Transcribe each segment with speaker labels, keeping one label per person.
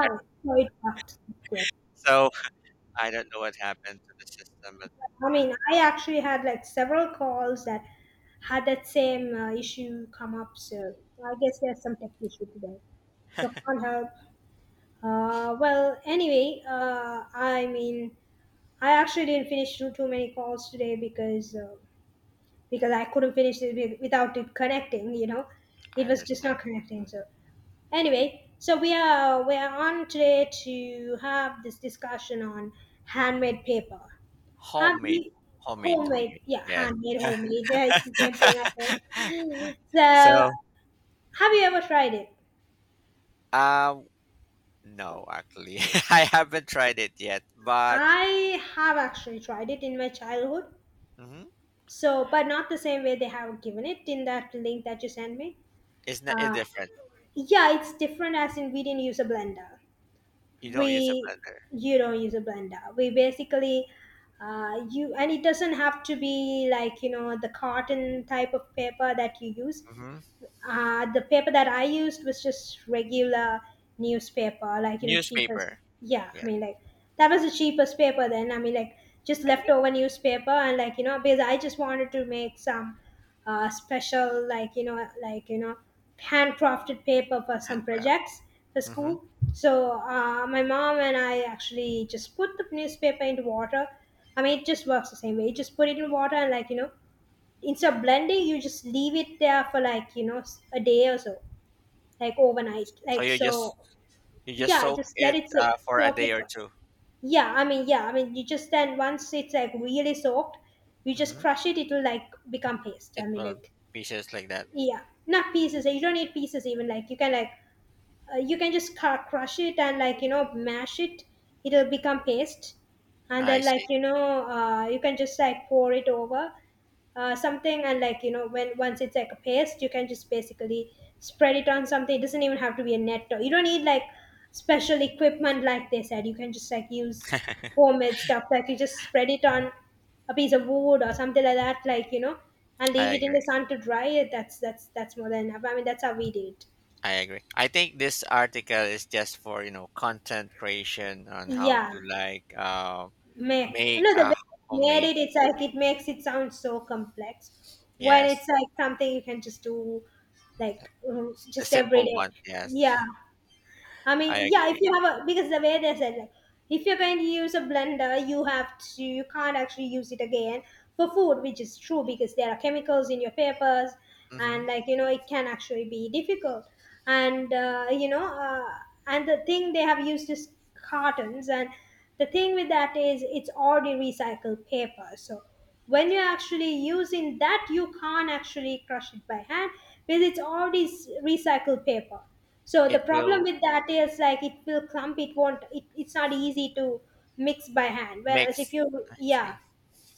Speaker 1: Yeah.
Speaker 2: No, it worked. It's great.
Speaker 1: So, I don't know what happened to the system, but
Speaker 2: I mean, I actually had like several calls that had that same issue come up. So I guess there's some tech issue today. So can't help. Well, anyway, I mean, I actually didn't finish too many calls today because I couldn't finish it without it connecting. It
Speaker 1: I
Speaker 2: was just not
Speaker 1: understand.
Speaker 2: connecting.
Speaker 1: Mhm.
Speaker 2: So anyway, so we are on today to have this discussion on handmade paper. Have
Speaker 1: Homemade,
Speaker 2: you
Speaker 1: homemade,
Speaker 2: homemade?
Speaker 1: homemade.
Speaker 2: Yeah,
Speaker 1: Yes.
Speaker 2: handmade homemade. Yeah, it's the same thing I said. So,
Speaker 1: So,
Speaker 2: have you ever tried it?
Speaker 1: um, no, actually, I haven't tried it yet, but
Speaker 2: I have actually tried it in my childhood.
Speaker 1: mhm,
Speaker 2: So, but not the same way they have given it in that link that you sent me.
Speaker 1: it's
Speaker 2: Uh,
Speaker 1: different.
Speaker 2: yeah, it's different. As in, we didn't use a blender.
Speaker 1: You don't use a
Speaker 2: We
Speaker 1: blender.
Speaker 2: you don't use a blender. We basically you and it doesn't have to be like you know the cotton type of paper that you use.
Speaker 1: Hmm.
Speaker 2: The paper that I used was just regular newspaper, like, you know, cheapest.
Speaker 1: Newspaper.
Speaker 2: Yeah, I
Speaker 1: Yeah,
Speaker 2: mean, like, that was the cheapest paper then. I mean, like, just
Speaker 1: I think
Speaker 2: leftover newspaper, and, like, you know, because I just wanted to make some special, like, you know, handcrafted paper for some
Speaker 1: hand grab.
Speaker 2: projects for
Speaker 1: Hmm.
Speaker 2: school. So, my mom and I actually just put the newspaper into water. I mean, it just works the same way. You just put it in water and, like, you know, instead of blending you just leave it there for like you know a day or so, like overnight,
Speaker 1: So
Speaker 2: like so.
Speaker 1: you just
Speaker 2: Yeah,
Speaker 1: soak
Speaker 2: just let
Speaker 1: it
Speaker 2: it sit,
Speaker 1: for a
Speaker 2: soak
Speaker 1: day
Speaker 2: it
Speaker 1: or
Speaker 2: for,
Speaker 1: 2.
Speaker 2: yeah, I mean, you just then once it's like really soaked you just
Speaker 1: Mm-hmm.
Speaker 2: crush it, it will like become paste, I
Speaker 1: It
Speaker 2: mean,
Speaker 1: will
Speaker 2: like,
Speaker 1: pieces like that.
Speaker 2: yeah, not pieces, you don't need pieces even, like you can just crush it and like you know mash it, it'll become paste, and
Speaker 1: I
Speaker 2: then like
Speaker 1: see.
Speaker 2: you know you can just like pour it over something and like you know when once it's like a paste you can just basically spread it on something, it doesn't even have to be a net or you don't need like special equipment like they said, you can just like use homemade stuff like you just spread it on a piece of wood or something like that like you know, and leave
Speaker 1: I
Speaker 2: it in the
Speaker 1: agree.
Speaker 2: sun to dry it. That's more than enough, I mean that's how we did.
Speaker 1: I agree. I think this article is just for you know content creation on how
Speaker 2: Yeah,
Speaker 1: to like
Speaker 2: make
Speaker 1: make
Speaker 2: no, the way
Speaker 1: a
Speaker 2: you made
Speaker 1: homemade.
Speaker 2: it it's like it makes it sound so complex when it's
Speaker 1: Yes,
Speaker 2: like something you can just do like
Speaker 1: the
Speaker 2: just every
Speaker 1: simple
Speaker 2: day.
Speaker 1: one. Yes,
Speaker 2: Yeah, I
Speaker 1: I
Speaker 2: mean, yeah, if
Speaker 1: agree.
Speaker 2: you have a because the way they said like if you're going to use a blender, you have to, you can't actually use it again for food, which is true because there are chemicals in your papers
Speaker 1: Mm-hmm.
Speaker 2: and like you know it can actually be difficult. And and the thing they have used is cartons, and the thing with that is it's already recycled paper, so when you're actually using that, you can't actually crush it by hand because it's already recycled paper, so the
Speaker 1: It
Speaker 2: problem
Speaker 1: will
Speaker 2: with that is like it will clump. It won't. It's not easy to mix by hand. Whereas if
Speaker 1: mix.
Speaker 2: you,
Speaker 1: I
Speaker 2: yeah,
Speaker 1: see.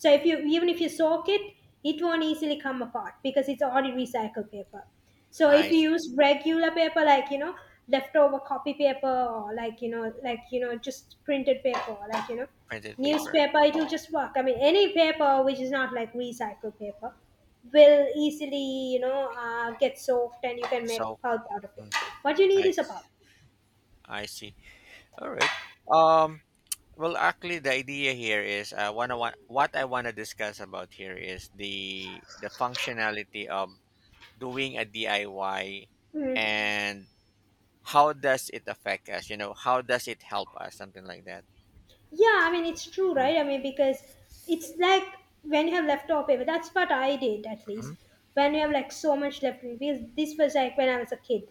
Speaker 2: so if you, even if you soak it, it won't easily come apart because it's already recycled paper. So if
Speaker 1: I
Speaker 2: you
Speaker 1: see.
Speaker 2: use regular paper like you know leftover copy paper or like you know just printed paper or like you know
Speaker 1: Printed paper.
Speaker 2: newspaper, it will just work. I mean any paper which is not like recycled paper will easily you know get soaked and you can make
Speaker 1: So
Speaker 2: pulp out of it.
Speaker 1: mm,
Speaker 2: What you need
Speaker 1: I
Speaker 2: is a
Speaker 1: see.
Speaker 2: pulp.
Speaker 1: I see. All right. Um. Well, actually, the idea here is one. What I want to discuss about here is the functionality of doing a DIY
Speaker 2: Mm.
Speaker 1: and how does it affect us? You know, how does it help us? Something like that.
Speaker 2: Yeah, I mean, it's true,
Speaker 1: Hmm.
Speaker 2: right? I mean, because it's like when you have leftover paper, that's what I did at least. When you have like so much left, because this was like when I was a kid,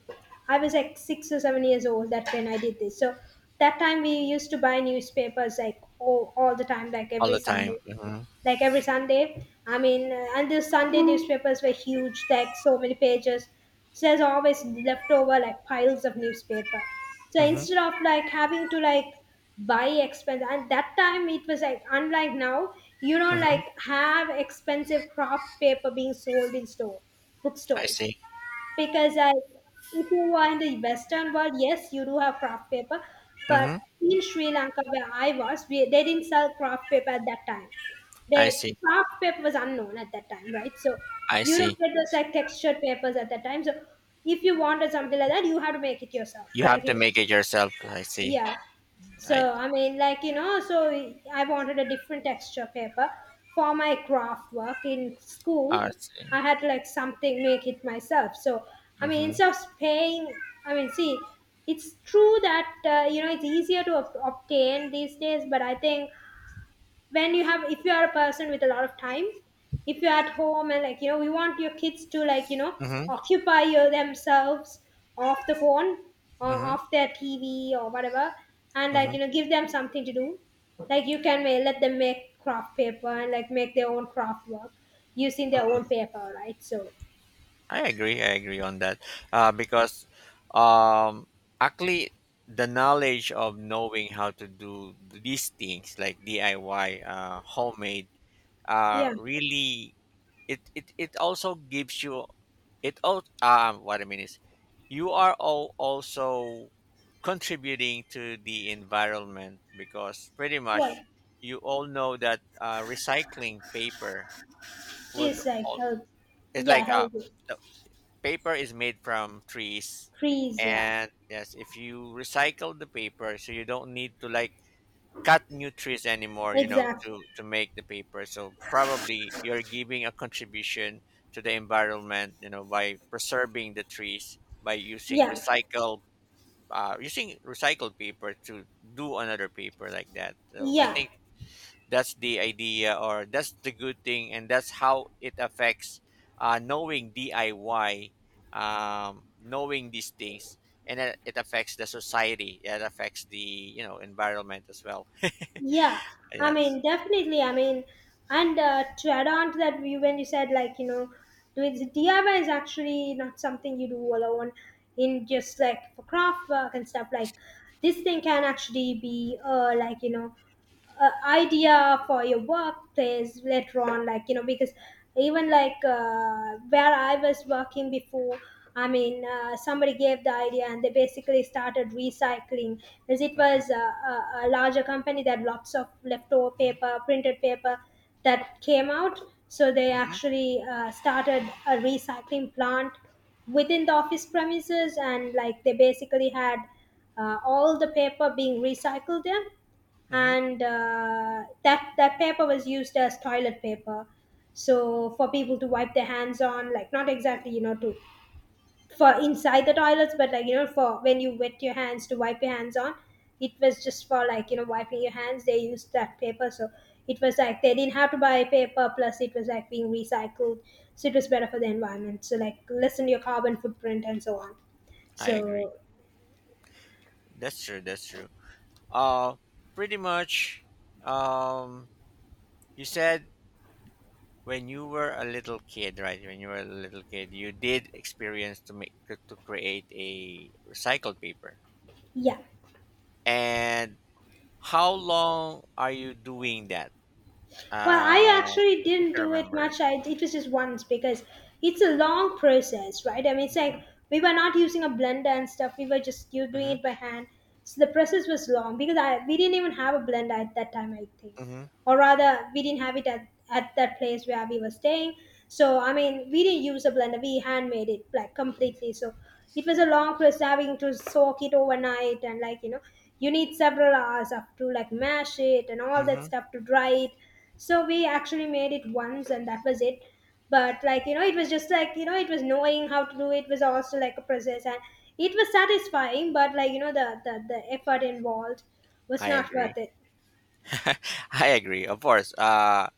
Speaker 2: I was like 6 or 7 years old that when I did this. So that time we used to buy newspapers like all the time, like
Speaker 1: All
Speaker 2: every
Speaker 1: the time.
Speaker 2: Sunday,
Speaker 1: Hmm.
Speaker 2: like every Sunday. I mean, and the Sunday newspapers were huge, like so many pages. So there's always leftover like piles of newspaper. So
Speaker 1: Hmm.
Speaker 2: instead of like having to like buy expense, and that time it was like unlike now, you don't
Speaker 1: Hmm.
Speaker 2: like have expensive craft paper being sold in store,
Speaker 1: I
Speaker 2: bookstores,
Speaker 1: see.
Speaker 2: because I, if you are in the Western world, yes, you do have craft paper, but
Speaker 1: Hmm.
Speaker 2: in Sri Lanka where I was, we, they didn't sell craft paper at that time.
Speaker 1: I
Speaker 2: They
Speaker 1: see.
Speaker 2: craft paper was unknown at that time, right? So
Speaker 1: I
Speaker 2: you don't
Speaker 1: see.
Speaker 2: get those like textured papers at that time. So if you wanted something like that, you have to make it yourself.
Speaker 1: You
Speaker 2: Like
Speaker 1: have
Speaker 2: you
Speaker 1: to
Speaker 2: know,
Speaker 1: make it yourself. I see.
Speaker 2: yeah,
Speaker 1: I,
Speaker 2: so, I mean, like, you know, so I wanted a different texture paper for my craft work in school.
Speaker 1: I see.
Speaker 2: I had to like something make it myself. So, I mean,
Speaker 1: Hmm.
Speaker 2: instead of paying, I mean, see, it's true that, you know, it's easier to obtain these days, but I think when you have, if you are a person with a lot of time, if you're at home and like you know we want your kids to like you know
Speaker 1: Hmm.
Speaker 2: occupy your, themselves, off the phone or
Speaker 1: Hmm.
Speaker 2: off their tv or whatever, and like
Speaker 1: Hmm.
Speaker 2: you know give them something to do, like you can let them make craft paper and like make their own craft work using their
Speaker 1: Hmm.
Speaker 2: own paper, right? So
Speaker 1: I agree. I agree on that. Because um, actually, the knowledge of knowing how to do these things like DIY, homemade
Speaker 2: yeah,
Speaker 1: really it also gives you it all what I mean is you are all also contributing to the environment because pretty
Speaker 2: well,
Speaker 1: much you all know that recycling paper would
Speaker 2: it's like
Speaker 1: all
Speaker 2: help,
Speaker 1: it's
Speaker 2: yeah,
Speaker 1: like
Speaker 2: healthy,
Speaker 1: the paper is made from trees
Speaker 2: trees, yeah,
Speaker 1: and yes if you recycle the paper so you don't need to like cut new trees anymore you know
Speaker 2: exactly,
Speaker 1: to make the paper so probably you're giving a contribution to the environment you know by preserving the trees by
Speaker 2: yeah,
Speaker 1: using recycled paper to do another paper like that so I
Speaker 2: yeah.
Speaker 1: think that's the idea or that's the good thing and that's how it affects knowing DIY, knowing these things and it affects the society it affects the you know environment as well
Speaker 2: Yeah, I
Speaker 1: yes.
Speaker 2: mean, definitely. I mean, and to add on to that, you when you said like you know, doing the DIY is actually not something you do alone. In just like for craft work and stuff, like this thing can actually be like you know idea for your workplace later on like you know because even like where I was working before, I mean somebody gave the idea and they basically started recycling. As it
Speaker 1: Mm-hmm,
Speaker 2: was a, a larger company that lots of leftover
Speaker 1: mm-hmm,
Speaker 2: paper, printed paper that came out, so they
Speaker 1: mm-hmm,
Speaker 2: actually started a recycling plant within the office premises and like they basically had all the paper being recycled there,
Speaker 1: mm-hmm.
Speaker 2: and that paper was used as toilet paper. So for people to wipe their hands on, like not exactly you know to for inside the toilets, but like you know for when you wet your hands to wipe your hands on, it was just for like you know wiping your hands, they used that paper. So it was like they didn't have to buy paper, plus it was like being recycled, so it was better for the environment, so like lessen your carbon footprint and so on.
Speaker 1: I agree.
Speaker 2: So
Speaker 1: That's true. That's true. Uh, Pretty much. Um, you said when you were a little kid, right? When you were a little kid, you did experience to make to create a recycled paper.
Speaker 2: yeah,
Speaker 1: And how long are you doing that? Uh,
Speaker 2: well, I actually
Speaker 1: I think
Speaker 2: didn't
Speaker 1: I
Speaker 2: do it
Speaker 1: remember.
Speaker 2: much. I, it was just once because it's a long process, right? I mean, it's like
Speaker 1: Mm-hmm,
Speaker 2: we were not using a blender and stuff. We were just you doing
Speaker 1: mm-hmm,
Speaker 2: it by hand. So the process was long because I we didn't even have a blender at that time, I think, or rather, we didn't have it at that place where we were staying. So I mean, we didn't use a blender. We handmade it like completely. So it was a long process having to soak it overnight and like you know you need several hours of to like mash it and all that
Speaker 1: mm-hmm.
Speaker 2: stuff to dry it. So we actually made it once and that was it. But like, you know, it was just like, you know, it was knowing how to do it was also like a process and it was satisfying, but like, you know, the effort involved was
Speaker 1: I
Speaker 2: not
Speaker 1: agree.
Speaker 2: worth it.
Speaker 1: I agree. Of course.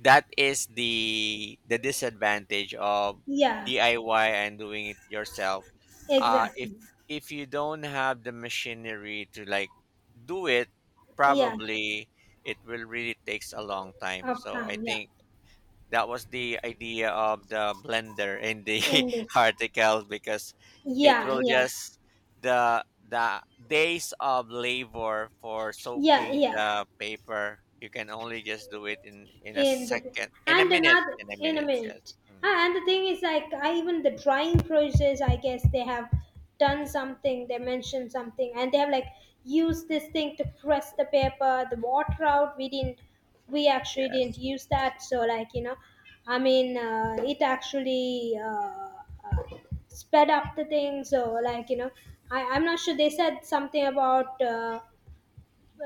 Speaker 1: That is the disadvantage of
Speaker 2: Yeah.
Speaker 1: DIY and doing it yourself. Uh, if
Speaker 2: Exactly.
Speaker 1: if you don't have the machinery to like do it,
Speaker 2: Yeah.
Speaker 1: probably it will really takes a long time.
Speaker 2: Of
Speaker 1: So I
Speaker 2: time, yeah.
Speaker 1: think that was the idea of the blender in the
Speaker 2: And this.
Speaker 1: article because it
Speaker 2: Yeah,
Speaker 1: will
Speaker 2: yeah.
Speaker 1: just the days of labor for
Speaker 2: Yeah,
Speaker 1: soaking
Speaker 2: yeah.
Speaker 1: the paper you can only just do it in a
Speaker 2: In the
Speaker 1: second
Speaker 2: and another
Speaker 1: in a
Speaker 2: in a
Speaker 1: minute yes.
Speaker 2: minute.
Speaker 1: Mhm.
Speaker 2: Ah, and the thing is like even the drying process, I guess they have done something, they mentioned something, and they have like used this thing to press the paper, the water out. We didn't, we actually didn't
Speaker 1: Yes.
Speaker 2: use that, so like you know. I mean, it actually uh, sped up the thing, so like you know. I'm not sure, they said something about uh,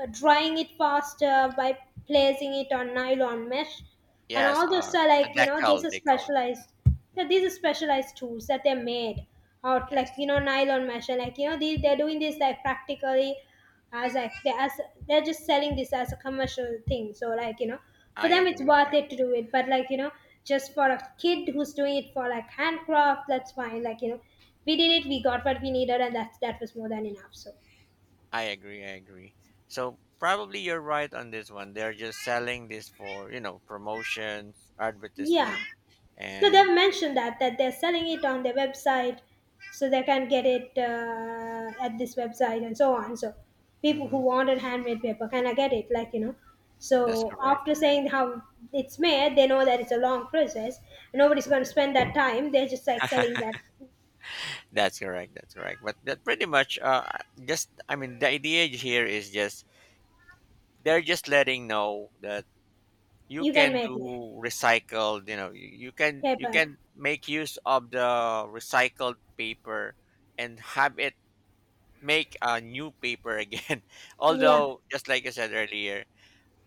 Speaker 2: uh, drying it faster by placing it on nylon mesh, and
Speaker 1: Yes.
Speaker 2: all those are
Speaker 1: A
Speaker 2: like you know, this
Speaker 1: decal
Speaker 2: is
Speaker 1: they call it.
Speaker 2: specialized. Yeah, these are specialized tools that they're made out, like you
Speaker 1: Yes,
Speaker 2: know, nylon mesh, and like you know they're doing this like practically, as like they're just selling this as a commercial thing, so like you know, for
Speaker 1: I
Speaker 2: them it's
Speaker 1: agree I
Speaker 2: worth it to
Speaker 1: agree.
Speaker 2: do it, but like you know, just for a kid who's doing it for like handcraft, that's fine, like you know, we did it, we got what we needed, and that was more than enough, so
Speaker 1: I agree I agree. So probably you're right on this one they're just selling this for you know promotions
Speaker 2: yeah.
Speaker 1: advertisement
Speaker 2: No,
Speaker 1: and
Speaker 2: they've mentioned that they're selling it on their website, so they can get it at this website and so on. So people who
Speaker 1: mhm,
Speaker 2: wanted handmade paper can I get it? Like you know.
Speaker 1: that's
Speaker 2: So
Speaker 1: correct.
Speaker 2: after saying how it's made, they know that it's a long process. Nobody's going to spend that time. They're just like selling that
Speaker 1: That's correct. That's correct but that pretty much just I mean the idea here is just they're just letting know that you
Speaker 2: you can
Speaker 1: can
Speaker 2: make
Speaker 1: do recycled you know you
Speaker 2: paper.
Speaker 1: can make use of the recycled paper and have it make a new paper again
Speaker 2: Yeah,
Speaker 1: although just like I said earlier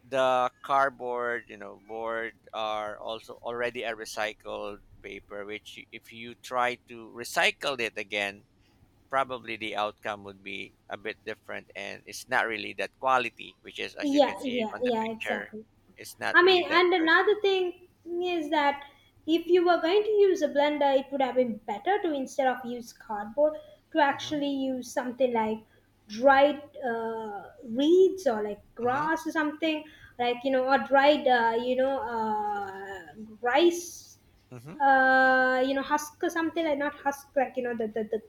Speaker 1: the cardboard, you know, board are also already a recycled paper, which if you try to recycle it again, probably the outcome would be a bit different and it's not really that quality, which is, as you
Speaker 2: yeah,
Speaker 1: can see
Speaker 2: yeah,
Speaker 1: on the
Speaker 2: yeah.
Speaker 1: picture,
Speaker 2: Exactly.
Speaker 1: it's not
Speaker 2: I mean,
Speaker 1: really that
Speaker 2: and
Speaker 1: good.
Speaker 2: another thing is that if you were going to use a blender, it would have been better to instead of use cardboard to
Speaker 1: Mm-hmm.
Speaker 2: actually use something like dried reeds or like
Speaker 1: Mm-hmm.
Speaker 2: grass or something, like you know, or dried you know, rice,
Speaker 1: Mm-hmm.
Speaker 2: you know, husk or something. Like not husk, like you know, the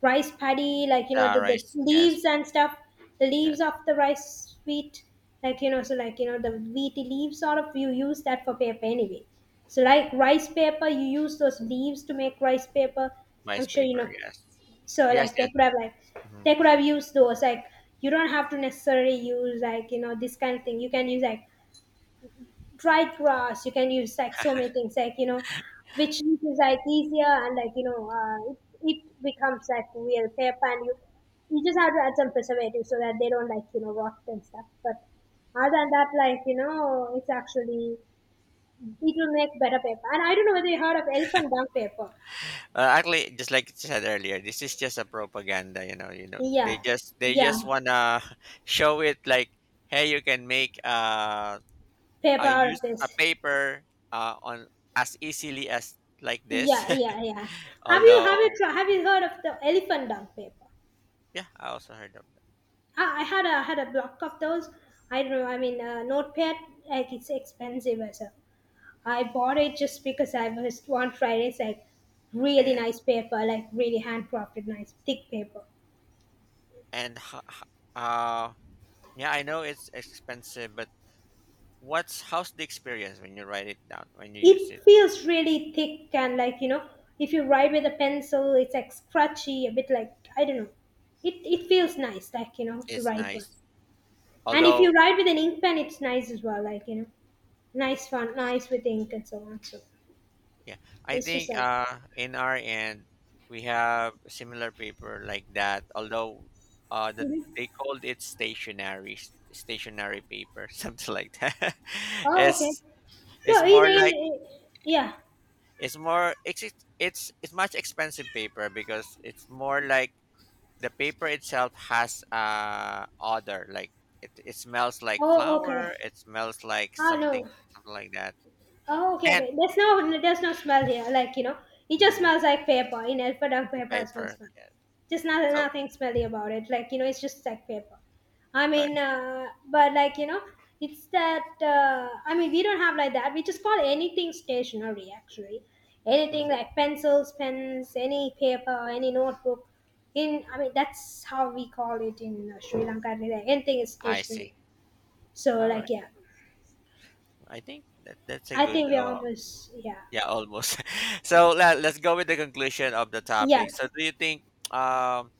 Speaker 2: rice paddy, like you know,
Speaker 1: The
Speaker 2: the
Speaker 1: rice,
Speaker 2: leaves
Speaker 1: yes,
Speaker 2: and stuff, the leaves
Speaker 1: yes.
Speaker 2: of the rice wheat, like you know, so like you know, the wheaty leaves, sort of, you use that for paper anyway. So like rice paper, you use those leaves to make rice paper. I'm
Speaker 1: Rice
Speaker 2: sure you know.
Speaker 1: paper, yes.
Speaker 2: So
Speaker 1: Yes,
Speaker 2: like
Speaker 1: yes. Mhm.
Speaker 2: they could have used those, like you don't have to necessarily use like you know this kind of thing. You can use like dried grass, you can use like so many things, like you know, which is like easier, and like you know it becomes like real paper, and you just have to add some preservative so that they don't, like you know, rot and stuff. But other than that, like you know, it's actually, it will make better paper. And I don't know whether you heard of elephant dung paper.
Speaker 1: Actually, just like I said earlier, this is just a propaganda. You know,
Speaker 2: Yeah.
Speaker 1: they
Speaker 2: Yeah,
Speaker 1: just wanna show it like, hey, you can make
Speaker 2: paper
Speaker 1: I
Speaker 2: out of
Speaker 1: use a
Speaker 2: this.
Speaker 1: paper on as easily as like this.
Speaker 2: Yeah, yeah, yeah. Have you,
Speaker 1: Although,
Speaker 2: have you heard of the elephant dung paper?
Speaker 1: yeah, I also heard of that.
Speaker 2: I had a had a block of those. I don't know. I mean, Notepad, like it's expensive as a. I bought it just because I was on Fridays like really
Speaker 1: And
Speaker 2: nice paper, like really handcrafted, nice thick paper.
Speaker 1: and ho- ho- uh, yeah, I know it's expensive, but what's how's the experience when you write it down when you use
Speaker 2: It
Speaker 1: it?
Speaker 2: feels really thick, and like you know, if you write with a pencil, it's like scratchy, a bit. Like I don't know. It feels nice, like you know, to
Speaker 1: It's
Speaker 2: write one.
Speaker 1: nice.
Speaker 2: And if you
Speaker 1: Although,
Speaker 2: write with an ink pen, it's nice as well, like you know, nice fun, nice with ink and so on. So
Speaker 1: yeah, I
Speaker 2: it's just
Speaker 1: think
Speaker 2: like.
Speaker 1: in our end we have a similar paper like that. Although
Speaker 2: Mhm.
Speaker 1: they called it stationary paper, something like that.
Speaker 2: Oh, okay.
Speaker 1: it's it's
Speaker 2: No, in
Speaker 1: more like
Speaker 2: in yeah.
Speaker 1: it's much expensive paper because it's more like the paper itself has odor like it smells like
Speaker 2: Oh, okay.
Speaker 1: flour it smells like
Speaker 2: Ah, no.
Speaker 1: something something like that
Speaker 2: Oh, okay,
Speaker 1: and
Speaker 2: okay. There's no smell here. Like you know, it just
Speaker 1: mm,
Speaker 2: smells like paper. In Elferdunk,
Speaker 1: the
Speaker 2: paper has no
Speaker 1: paper
Speaker 2: smell.
Speaker 1: yeah
Speaker 2: Just not,
Speaker 1: so
Speaker 2: nothing smelly about it. Like you know, it's just like paper. I
Speaker 1: all
Speaker 2: mean, but like you know, it's that. I mean, we don't have like that. We just call anything stationery. Actually, anything
Speaker 1: right.
Speaker 2: like pencils, pens, any paper, any notebook. In, I mean, that's how we call it in Sri Lanka. Anything is
Speaker 1: I
Speaker 2: stationery.
Speaker 1: see.
Speaker 2: So
Speaker 1: All
Speaker 2: like
Speaker 1: right.
Speaker 2: yeah,
Speaker 1: I think that that's a
Speaker 2: I
Speaker 1: good
Speaker 2: think we're almost, yeah.
Speaker 1: yeah, almost. So let's go with the conclusion of the
Speaker 2: Yeah.
Speaker 1: topic. So do you think um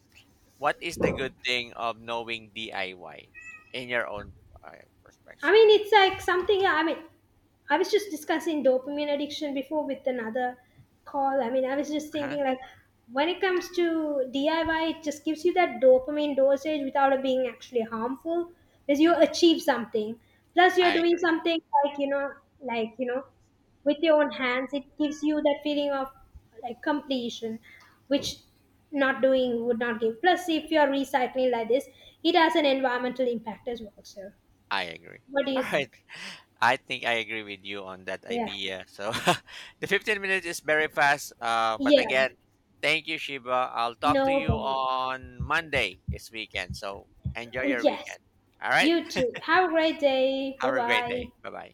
Speaker 1: what is the good thing of knowing DIY in your own uh,
Speaker 2: I
Speaker 1: perspective?
Speaker 2: mean, it's like something. I mean, I was just discussing dopamine addiction before with another call. I mean, I was just
Speaker 1: Uh-huh.
Speaker 2: thinking like, when it comes to DIY, it just gives you that dopamine dosage without it being actually harmful because you
Speaker 1: Mhm.
Speaker 2: achieve something. Plus, you're
Speaker 1: I
Speaker 2: doing
Speaker 1: agree.
Speaker 2: something, like you know, like you know, with your own hands. It gives you that feeling of like completion, which not doing would not give. Plus, if you're recycling like this, it has an environmental impact as well. So.
Speaker 1: I agree.
Speaker 2: What do you
Speaker 1: All right.
Speaker 2: think?
Speaker 1: I think I agree with you on that
Speaker 2: Yeah.
Speaker 1: idea. So the 15 minutes is very fast. But
Speaker 2: Yeah,
Speaker 1: again, thank you, Shiba. I'll talk to
Speaker 2: no
Speaker 1: you
Speaker 2: problem.
Speaker 1: on Monday this weekend. So enjoy your
Speaker 2: Yes,
Speaker 1: weekend. All right.
Speaker 2: you too. Have a great day. Bye
Speaker 1: Have a great
Speaker 2: bye.
Speaker 1: day. Bye bye.